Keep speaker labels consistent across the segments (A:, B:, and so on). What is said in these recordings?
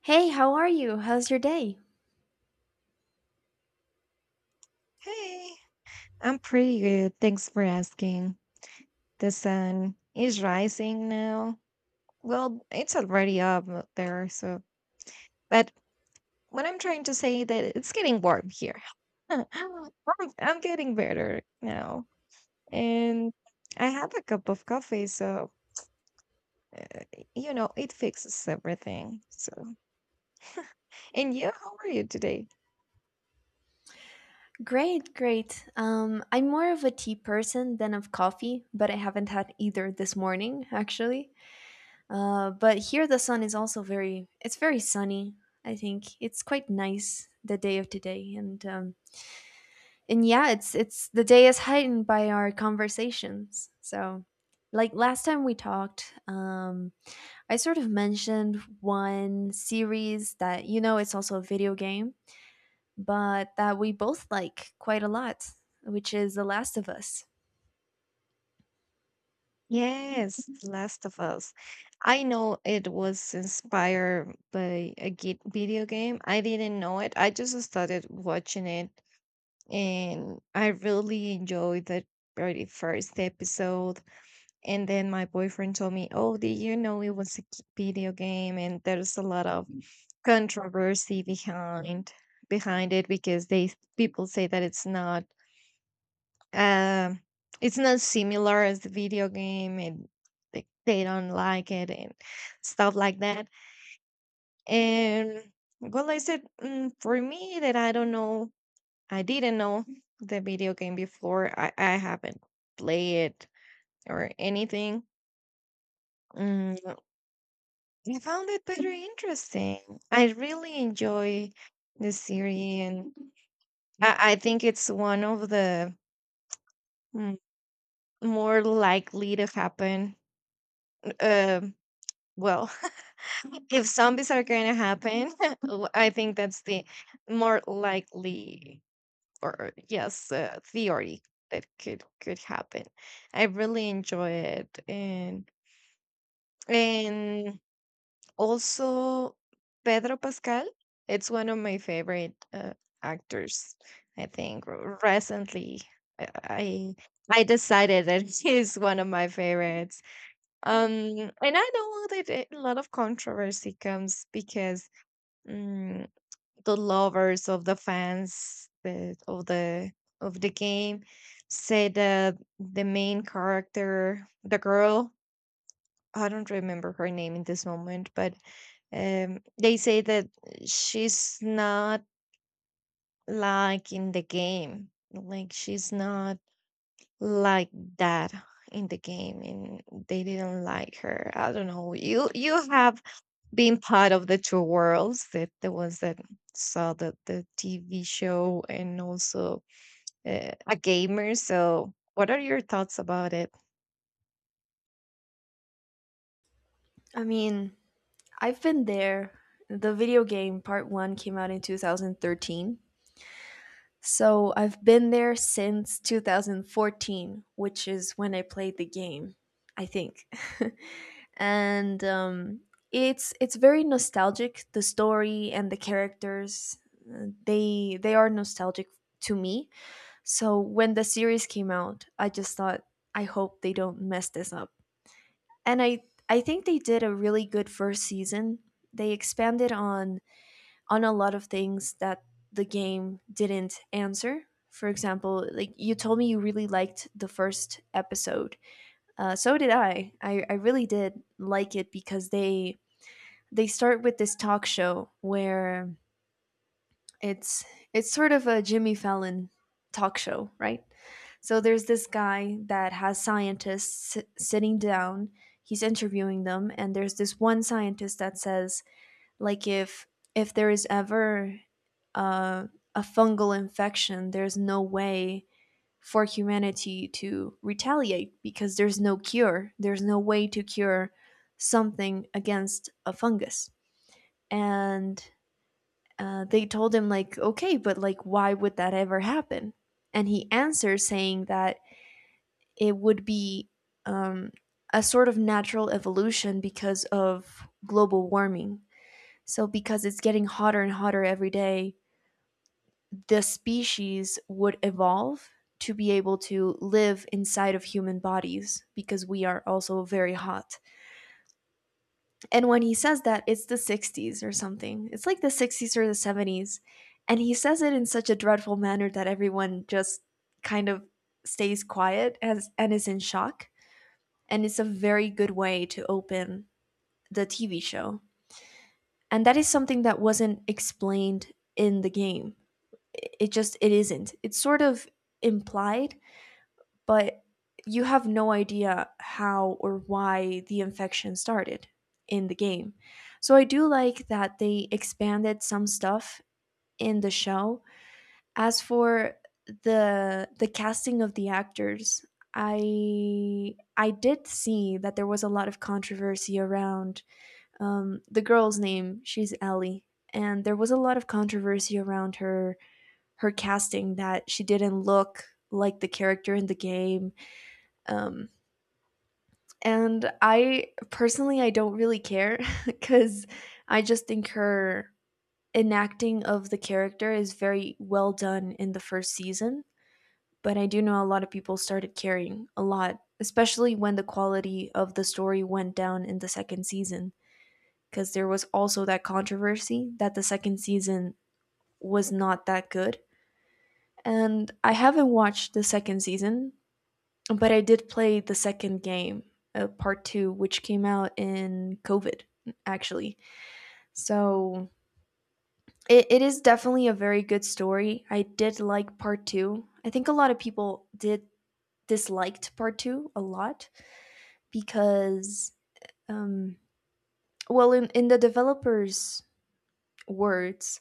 A: Hey, how are you? How's your day?
B: Hey, I'm pretty good. Thanks for asking. The sun is rising now. Well, it's already up out there, so but what I'm trying to say that it's getting warm here. I'm, I'm getting better now. And I had a cup of coffee, so it fixes everything. So, and you, how are you today?
A: Great, great. I'm more of a tea person than of coffee, but I haven't had either this morning, actually. But here the sun is also it's very sunny. I think it's quite nice the day of today, and and yeah, it's the day is heightened by our conversations. So, like last time we talked, I sort of mentioned one series that you know it's also a video game but that we both like quite a lot, which is The Last of Us.
B: Yes, The Last of Us. I know it was inspired by a video game. I didn't know it. I just started watching it and I really enjoyed the very first episode. And then my boyfriend told me, oh, did you know it was a video game? And there's a lot of controversy behind behind it because they people say that um it's not similar as the video game and they don't like it and stuff like that and well I said for me that I don't know I didn't know the video game before I haven't played it or anything mm, I found it very interesting I really enjoy the series and I think it's one of the mm, more likely to happen um well if zombies are going to happen, I think that's the more likely or yes theory that could happen. I really enjoy it, and also Pedro Pascal. It's one of my favorite actors. I think recently I I decided that he's one of my favorites. Um, and I know that a lot of controversy comes because mm, the lovers of the fans that of the game say that the main character, the girl, I don't remember her name in this moment, but they say that she's not like in the game, like she's not like that in the game, and they didn't like her. I don't know. You have being part of the two worlds, that the ones that saw the TV show and also a gamer, so what are your thoughts about it?
A: I mean, I've been there. The video game part one came out in 2013. So I've been there since 2014, which is when I played the game, I think. And it's very nostalgic. The story and the characters, they are nostalgic to me. So when the series came out, I just thought, I hope they don't mess this up. And I think they did a really good first season. They expanded on a lot of things that the game didn't answer. For example, like you told me you really liked the first episode. So did I. I really did like it because they start with this talk show where It's it's sort of a Jimmy Fallon talk show, right? So there's this guy that has scientists sitting down. He's interviewing them, and there's this one scientist that says, like, if there is ever uh, a fungal infection, there's no way for humanity to retaliate because there's no cure. There's no way to cure something against a fungus. And they told him, like, okay, but like why would that ever happen? And he answers saying that it would be, um, a sort of natural evolution because of global warming, so because it's getting hotter and hotter every day, the species would evolve to be able to live inside of human bodies because we are also very hot. And when he says that, it's the '60s or something. It's like the '60s or the '70s. And he says it in such a dreadful manner that everyone just kind of stays quiet and is in shock. And it's a very good way to open the TV show. And that is something that wasn't explained in the game. It just it isn't. It's sort of implied, but you have no idea how or why the infection started in the game. So I do like that they expanded some stuff in the show. As for the casting of the actors, I did see that there was a lot of controversy around, the girl's name. She's Ellie, and there was a lot of controversy around her casting, that she didn't look like the character in the game. Um, And I personally, I don't really care because I just think her enacting of the character is very well done in the first season, but I do know a lot of people started caring a lot, especially when the quality of the story went down in the second season because there was also that controversy that the second season was not that good. And I haven't watched the second season. But I did play the second game, part two, which came out in COVID, actually. So it is definitely a very good story. I did like part two. I think a lot of people did disliked part two a lot because, um, well, in the developer's words,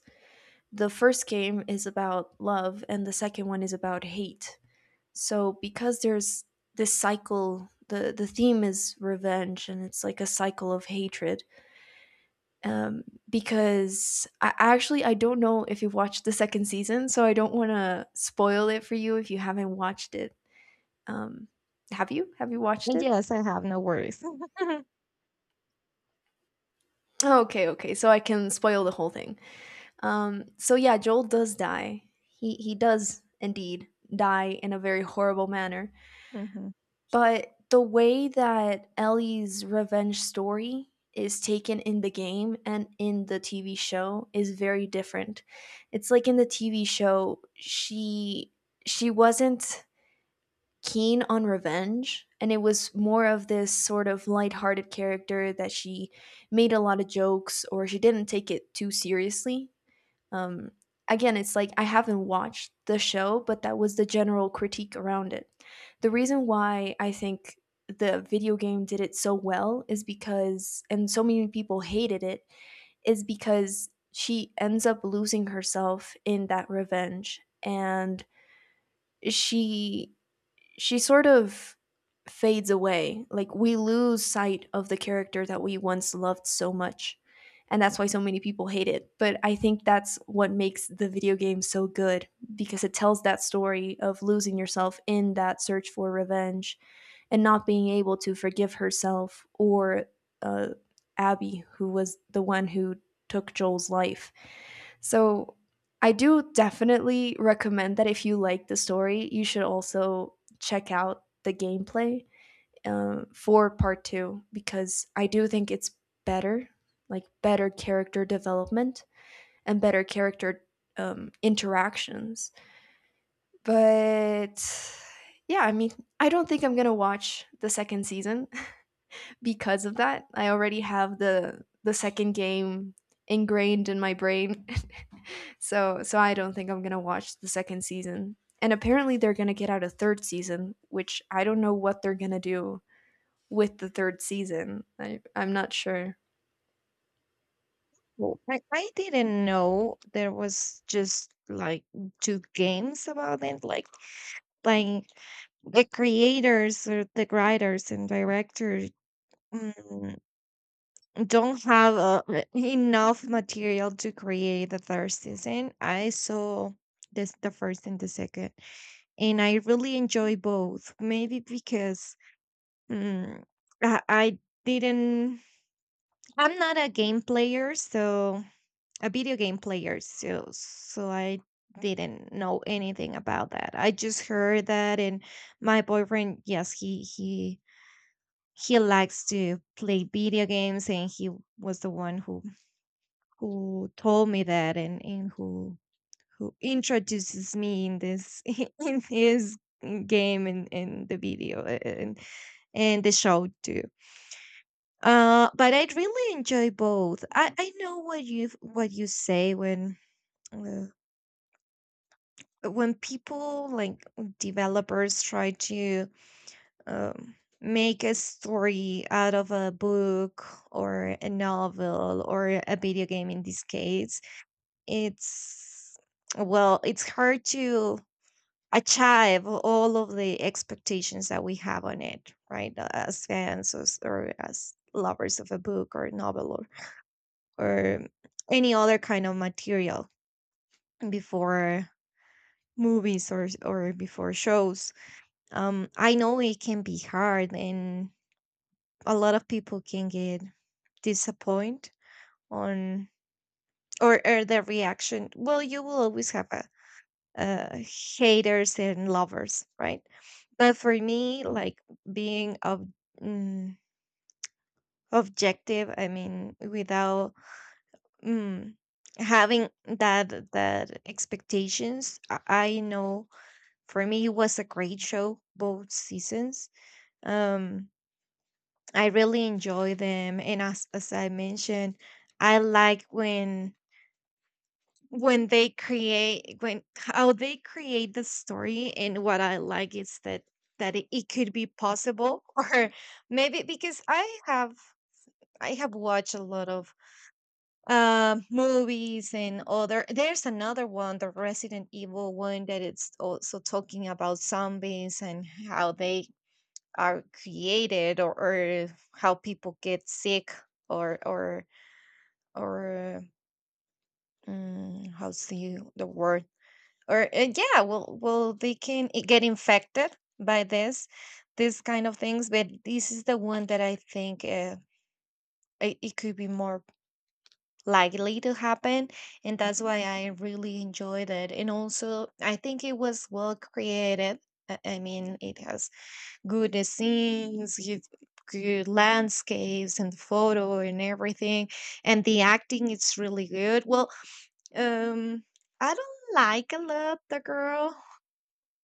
A: the first game is about love and the second one is about hate. So because there's this cycle, the theme is revenge and it's like a cycle of hatred. um because I actually, I don't know if you've watched the second season, so I don't want to spoil it for you if you haven't watched it. um have you watched
B: And
A: it?
B: yes, I have no worries.
A: Oh, okay, so I can spoil the whole thing. So yeah, Joel does die. He does indeed die in a very horrible manner.
B: Mhm.
A: But the way that Ellie's revenge story is taken in the game and in the TV show is very different. It's like in the TV show, she wasn't keen on revenge and it was more of this sort of lighthearted character that she made a lot of jokes or she didn't take it too seriously. um, Again, it's like I haven't watched the show, but that was the general critique around it. The reason why I think the video game did it so well is because, and so many people hated it, is because she ends up losing herself in that revenge, and she she sort of fades away. Like we lose sight of the character that we once loved so much. And that's why so many people hate it. But I think that's what makes the video game so good, because it tells that story of losing yourself in that search for revenge and not being able to forgive herself or uh, Abby, who was the one who took Joel's life. So I do definitely recommend that if you like the story, you should also check out the gameplay, for part two, because I do think it's better, like better character development and better character interactions. But yeah, I mean, I don't think I'm gonna watch the second season because of that. I already have the second game ingrained in my brain. So I don't think I'm gonna watch the second season. And apparently they're gonna get out a third season, which I don't know what they're gonna do with the third season. I'm not sure.
B: Well, I didn't know there was just like two games about it like the creators or the writers and directors don't have enough material to create the third season. I saw this the first and the second, and I really enjoy both. Maybe because mm, I didn't. I'm not a game player, so a video game player, so I didn't know anything about that. I just heard that, and my boyfriend, yes, he he likes to play video games, and he was the one who told me that and who introduces me in this in his game and in the video and and the show too. But I really enjoy both. I know what you say uh, when people like developers try to um, make a story out of a book or a novel or a video game. In this case it's well, it's hard to achieve all of the expectations that we have on it, right? Uh, as fans or as lovers of a book or novel or any other kind of material before movies or or before shows. Um, I know it can be hard and a lot of people can get disappointed on or their reaction. Well, you will always have a uh, haters and lovers, right? But for me, like being mm, objective, I mean, without mm, having that that expectations, I know for me it was a great show, both seasons. Um, I really enjoy them, and as I mentioned, I like when they create when how they create the story, and what I like is that that it could be possible or maybe because I have I have watched a lot of movies and other. There's another one, the Resident Evil one, that it's also talking about zombies and how they are created or how people get sick or or or how's the word or yeah, well, well they can get infected by this this kind of things. But this is the one that I think it could be more likely to happen, and that's why I really enjoyed it. And also I think it was well created. I mean, it has good scenes, good good landscapes and photo and everything, and the acting is really good. Well, um I don't like a lot the girl,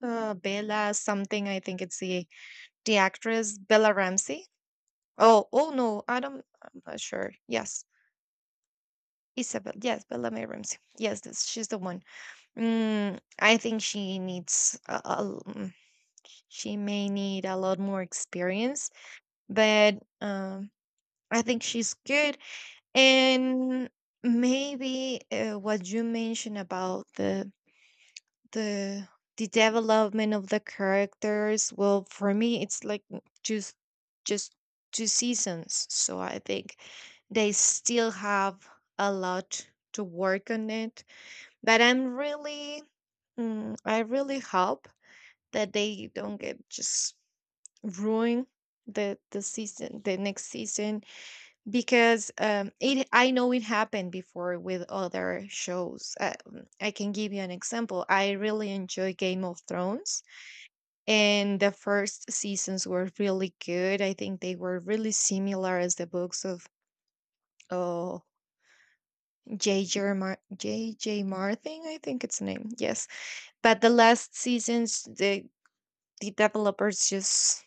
B: Bella something. I think it's the actress Bella Ramsey. Oh, oh no, I don't. I'm not sure. Yes, Isabel. Yes, Bella May Ramsey. Yes, this, she's the one. Mm, I think she needs a she may need a lot more experience, but I think she's good. And maybe what you mentioned about the the development of the characters, well for me it's like just two seasons, so I think they still have a lot to work on it. But I'm really I really hope that they don't get just ruin the season, the next season, because it I know it happened before with other shows. Mm, I can give you an example. I really enjoy Game of Thrones, and the first seasons were really good. I think they were really similar as the books of oh J. J.J. Martin, I think it's the name. Yes, but the last seasons, the developers just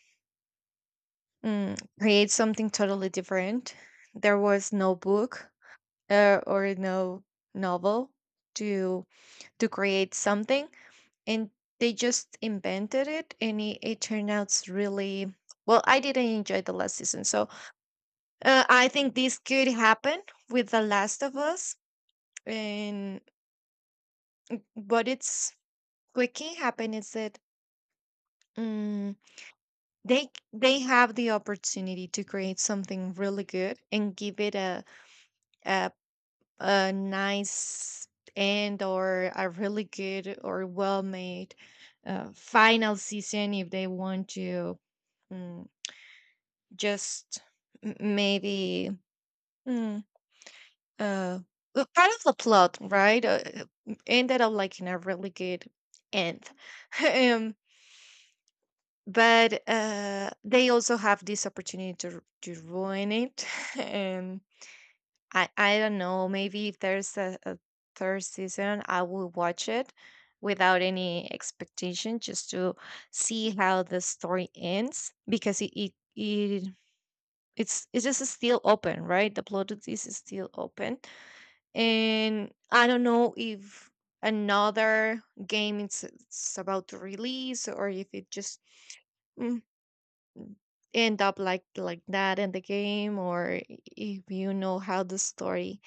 B: create something totally different. There was no book or no novel to create something, and they just invented it and it turned out really well, I didn't enjoy the last season. So I think this could happen with The Last of Us. And what it's what can happen is that mm, they have the opportunity to create something really good and give it a a nice end, or a really good or well made final season, if they want to mm, just maybe mm, uh, part of the plot, right? Uh, ended up like in a really good end. Um, but they also have this opportunity to ruin it. And I don't know. Maybe if there's a third season, I will watch it without any expectation, just to see how the story ends, because it it's just still open, right? The plot of this is still open, and I don't know if another game it's about to release or if it just mm, end up like that in the game, or if you know how the story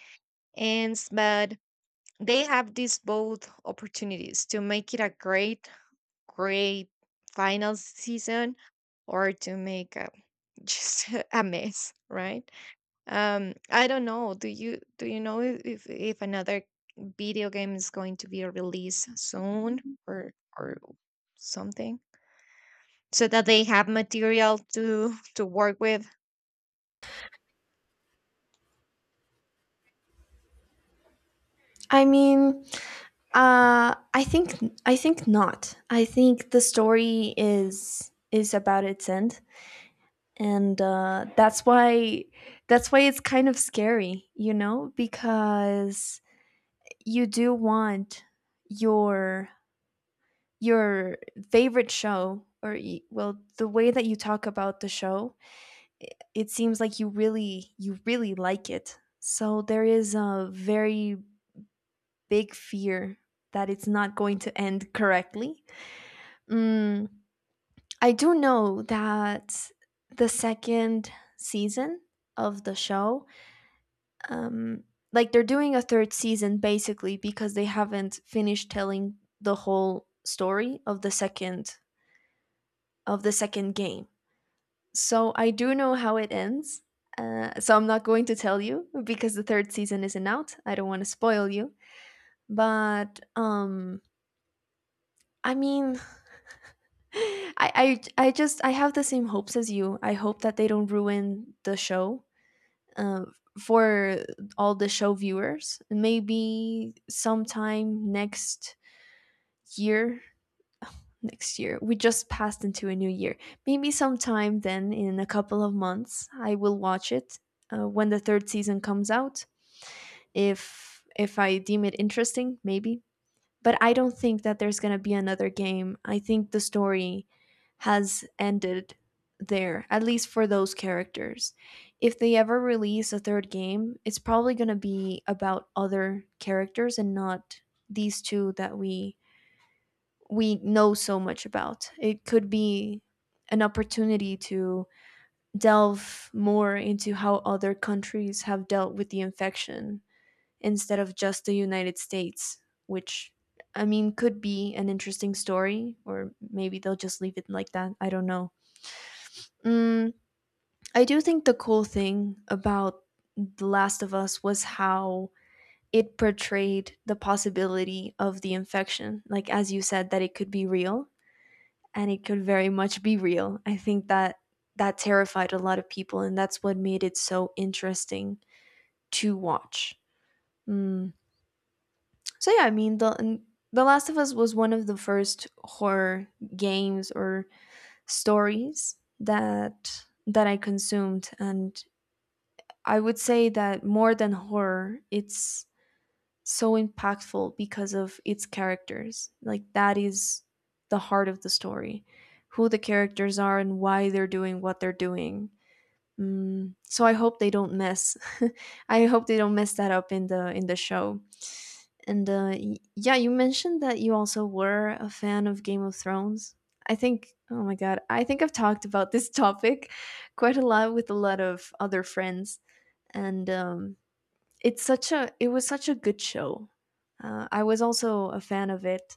B: ends. But they have these both opportunities to make it a great, great final season, or to make just a mess, right? I don't know. Do you know if, if another video game is going to be released soon or or something? So that they have material to work with.
A: I mean, uh, I think I think not. I think the story is about its end, and that's why it's kind of scary, you know, because you do want your your favorite show. Or well, the way that you talk about the show, i- it seems like you really like it, so there is a very big fear that it's not going to end correctly. mm, I do know that the second season of the show, um, like they're doing a third season basically because they haven't finished telling the whole story of the second, of the second game. So I do know how it ends. So I'm not going to tell you because the third season isn't out. I don't want to spoil you. But I mean, I just, I have the same hopes as you. I hope that they don't ruin the show, uh, for all the show viewers. Maybe sometime next year, next year we just passed into a new year, maybe sometime then in a couple of months I will watch it, when the third season comes out, if I deem it interesting, maybe. But I don't think that there's going to be another game. I think the story has ended there, at least for those characters. If they ever release a third game, it's probably going to be about other characters and not these two that we know so much about. It could be an opportunity to delve more into how other countries have dealt with the infection instead of just the United States, which, I mean, could be an interesting story, or maybe they'll just leave it like that. I don't know. Mm, I do think the cool thing about The Last of Us was how it portrayed the possibility of the infection. Like, as you said, that it could be real, and it could very much be real. I think that that terrified a lot of people, and that's what made it so interesting to watch. Mm. So yeah, I mean the Last of Us was one of the first horror games or stories that I consumed, and I would say that more than horror, it's so impactful because of its characters. Like that is the heart of the story, who the characters are and why they're doing what they're doing. Mm, so I hope they don't mess. I hope they don't mess that up in the show. And yeah, you mentioned that you also were a fan of Game of Thrones. I think, oh my God, I think I've talked about this topic quite a lot with a lot of other friends. And it's such a, it was such a good show. I was also a fan of it.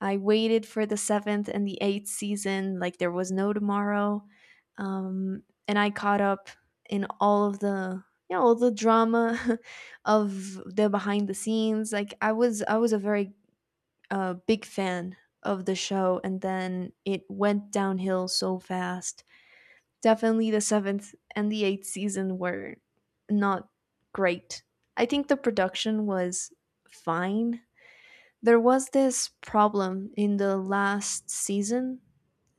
A: I waited for the seventh and the eighth season like there was no tomorrow, and I caught up in all of the, you know, all the drama of the behind the scenes. Like I was a very big fan of the show, and then it went downhill so fast. Definitely the seventh and the eighth season were not great. I think the production was fine. There was this problem in the last season,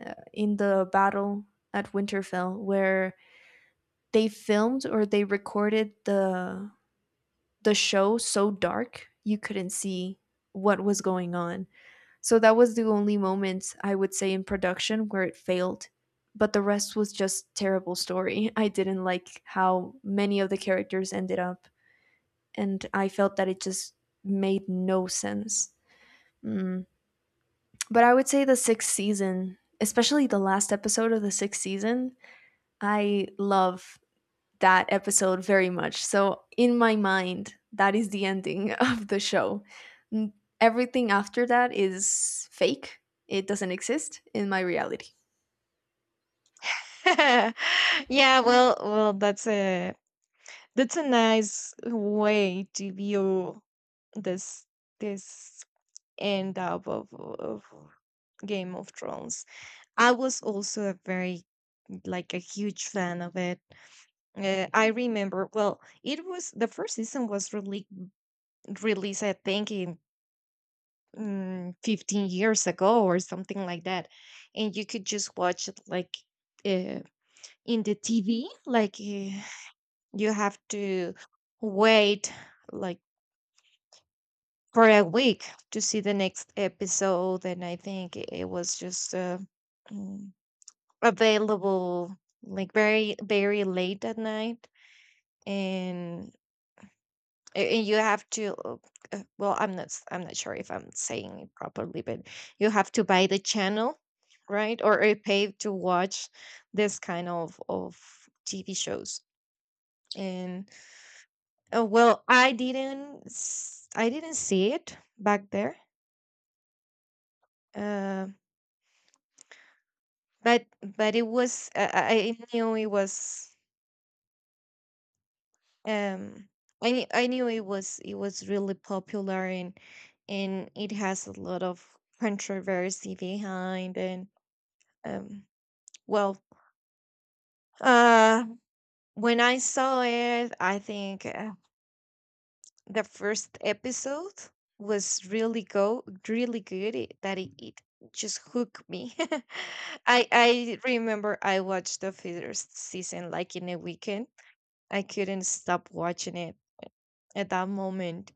A: in the battle at Winterfell, where they filmed or they recorded the show so dark you couldn't see what was going on. So that was the only moment I would say in production where it failed. But the rest was just terrible story. I didn't like how many of the characters ended up, and I felt that it just made no sense. Mm. But I would say the sixth season, especially the last episode of the sixth season, I love that episode very much. So, in my mind, that is the ending of the show. Everything after that is fake. It doesn't exist in my reality.
B: Yeah, well, well that's a nice way to view this this end up of Game of Thrones. I was also a very like a huge fan of it. I remember, well, it was the first season was really released I think in 15 years ago or something like that. And you could just watch it like uh, in the TV like you have to wait like for a week to see the next episode. And I think it it was just mm, available like very very late at night. And and you have to well, I'm not I'm not sure if I'm saying it properly, but you have to buy the channel, right? Or pay to watch this kind of TV shows. And well, I didn't I didn't see it back there, uh, but but it was I knew it was um I knew it was really popular, and it has a lot of controversy behind. And um well uh when I saw it, I think the first episode was really go really good. That It just hooked me. I remember I watched the first season like in a weekend. I couldn't stop watching it at that moment.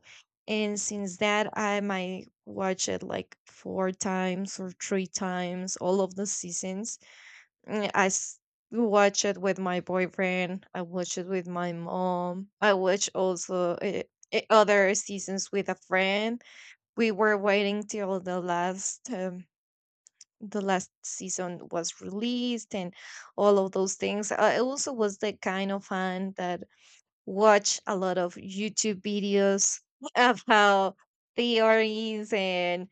B: And since that, I might watch it like four times or three times, all of the seasons. Mm, watch it with my boyfriend. I watch it with my mom. I watch also other seasons with a friend. We were waiting till the last season was released and all of those things. I also was the kind of fan that watch a lot of YouTube videos of how theories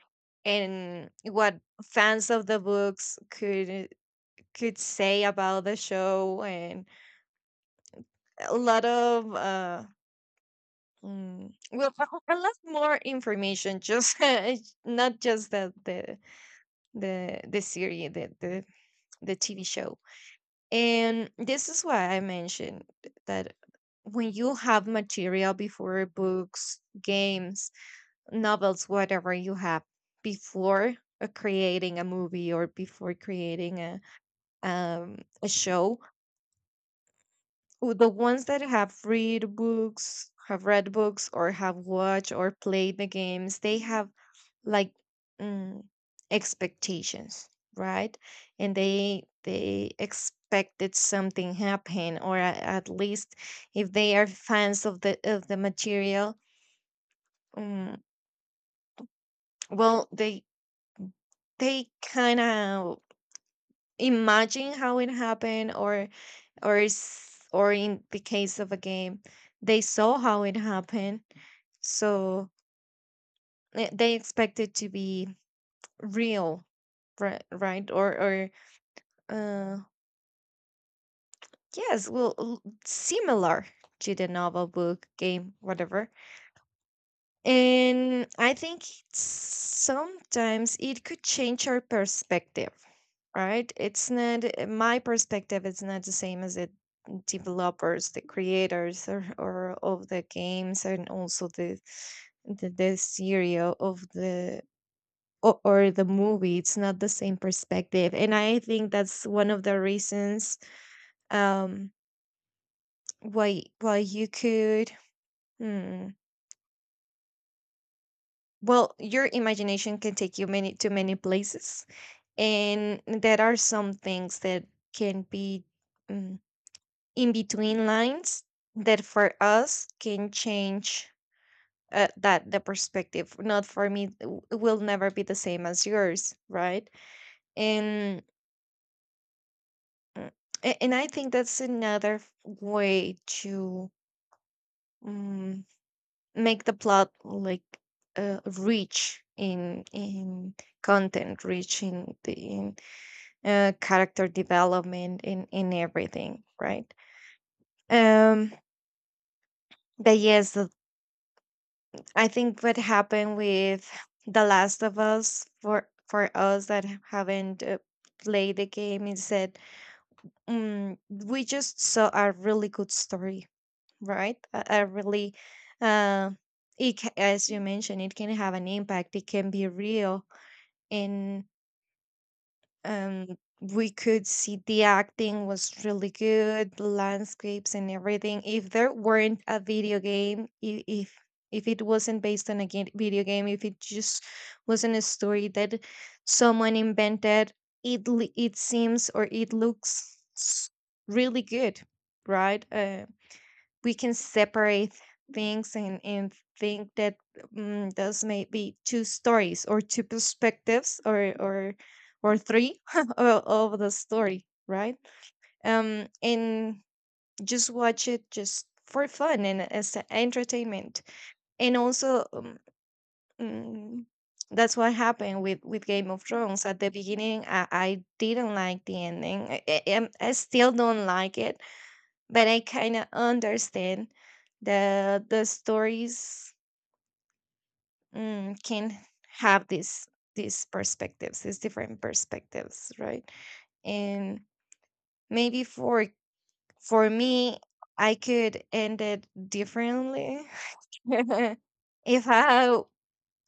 B: and what fans of the books could say about the show and a lot of mm, well a lot more information, just not just the series, the the TV show. And this is why I mentioned that when you have material before, books, games, novels, whatever you have before creating a movie, or before creating a show. The ones that have read books, or have watched or played the games, they have, like, mm, expectations, right? And they expected something happen, or at least if they are fans of the material, um, well, they kind of imagine how it happened, or or in the case of a game they saw how it happened. So they expect it to be real, right? Or uh yes, well, similar to the novel, book, game, whatever. And I think sometimes it could change our perspective, right? It's not, my perspective, it's not the same as the developers, the creators, or of the games, and also the serial of the, or the movie. It's not the same perspective. And I think that's one of the reasons um why you could, hmm, well, your imagination can take you many, to many places. And there are some things that can be, mm, in between lines, that for us can change that, the perspective, not for me, will never be the same as yours, right? And mm, and I think that's another way to um, make the plot like rich in content, rich in the in character development, in everything, right? Um, but yes, I think what happened with The Last of Us, for us that haven't played the game, is that, we just saw a really good story, right? A really, uh, it as you mentioned, it can have an impact. It can be real. And Um, we could see the acting was really good, the landscapes and everything. If there weren't a video game, if it wasn't based on a game, video game, if it just wasn't a story that someone invented, it it seems, or it looks really good, right? We can separate things and think that, those may be two stories, or two perspectives, or three, of the story, right? And just watch it just for fun and as a entertainment. And also mm, that's what happened with Game of Thrones. At the beginning, I didn't like the ending. I still don't like it, but I kind of understand that the stories, can have this, these perspectives, these different perspectives, right? And maybe for me, I could end it differently if I,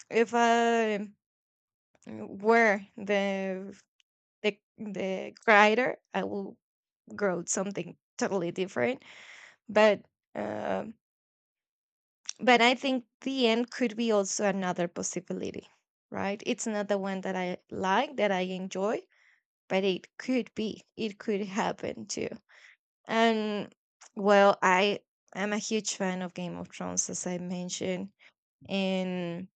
B: if I were the writer, I will wrote something totally different, but. Um, but I think the end could be also another possibility, right? It's not the one that I like, that I enjoy, but it could be, it could happen too. And well, I am a huge fan of Game of Thrones, as I mentioned. And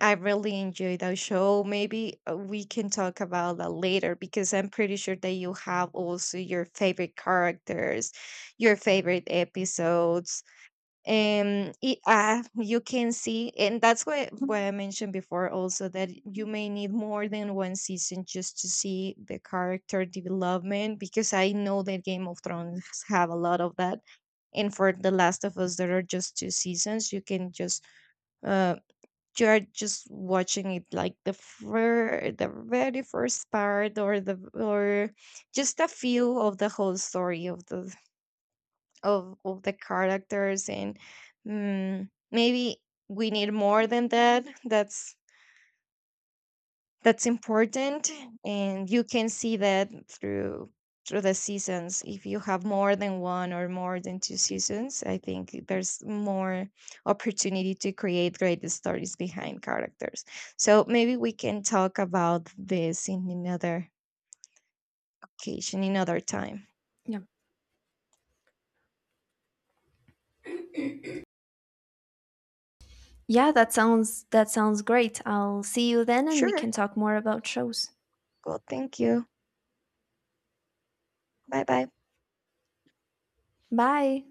B: I really enjoy that show. Maybe we can talk about that later, because I'm pretty sure that you have also your favorite characters, your favorite episodes. You can see, and that's why I mentioned before also, that you may need more than one season just to see the character development, because I know that Game of Thrones have a lot of that. And for The Last of Us there are just two seasons, you can just uh you are just watching it like the the very first part, or the, or just a few of the whole story of the, of the characters. And maybe we need more than that. That's important, and you can see that through, through the seasons. If you have more than one or more than two seasons, I think there's more opportunity to create great stories behind characters. So maybe we can talk about this in another occasion, another time.
A: Yeah. Yeah, that sounds great. I'll see you then and we
B: Sure.
A: can talk more about shows.
B: Well, thank you. Bye bye.
A: Bye.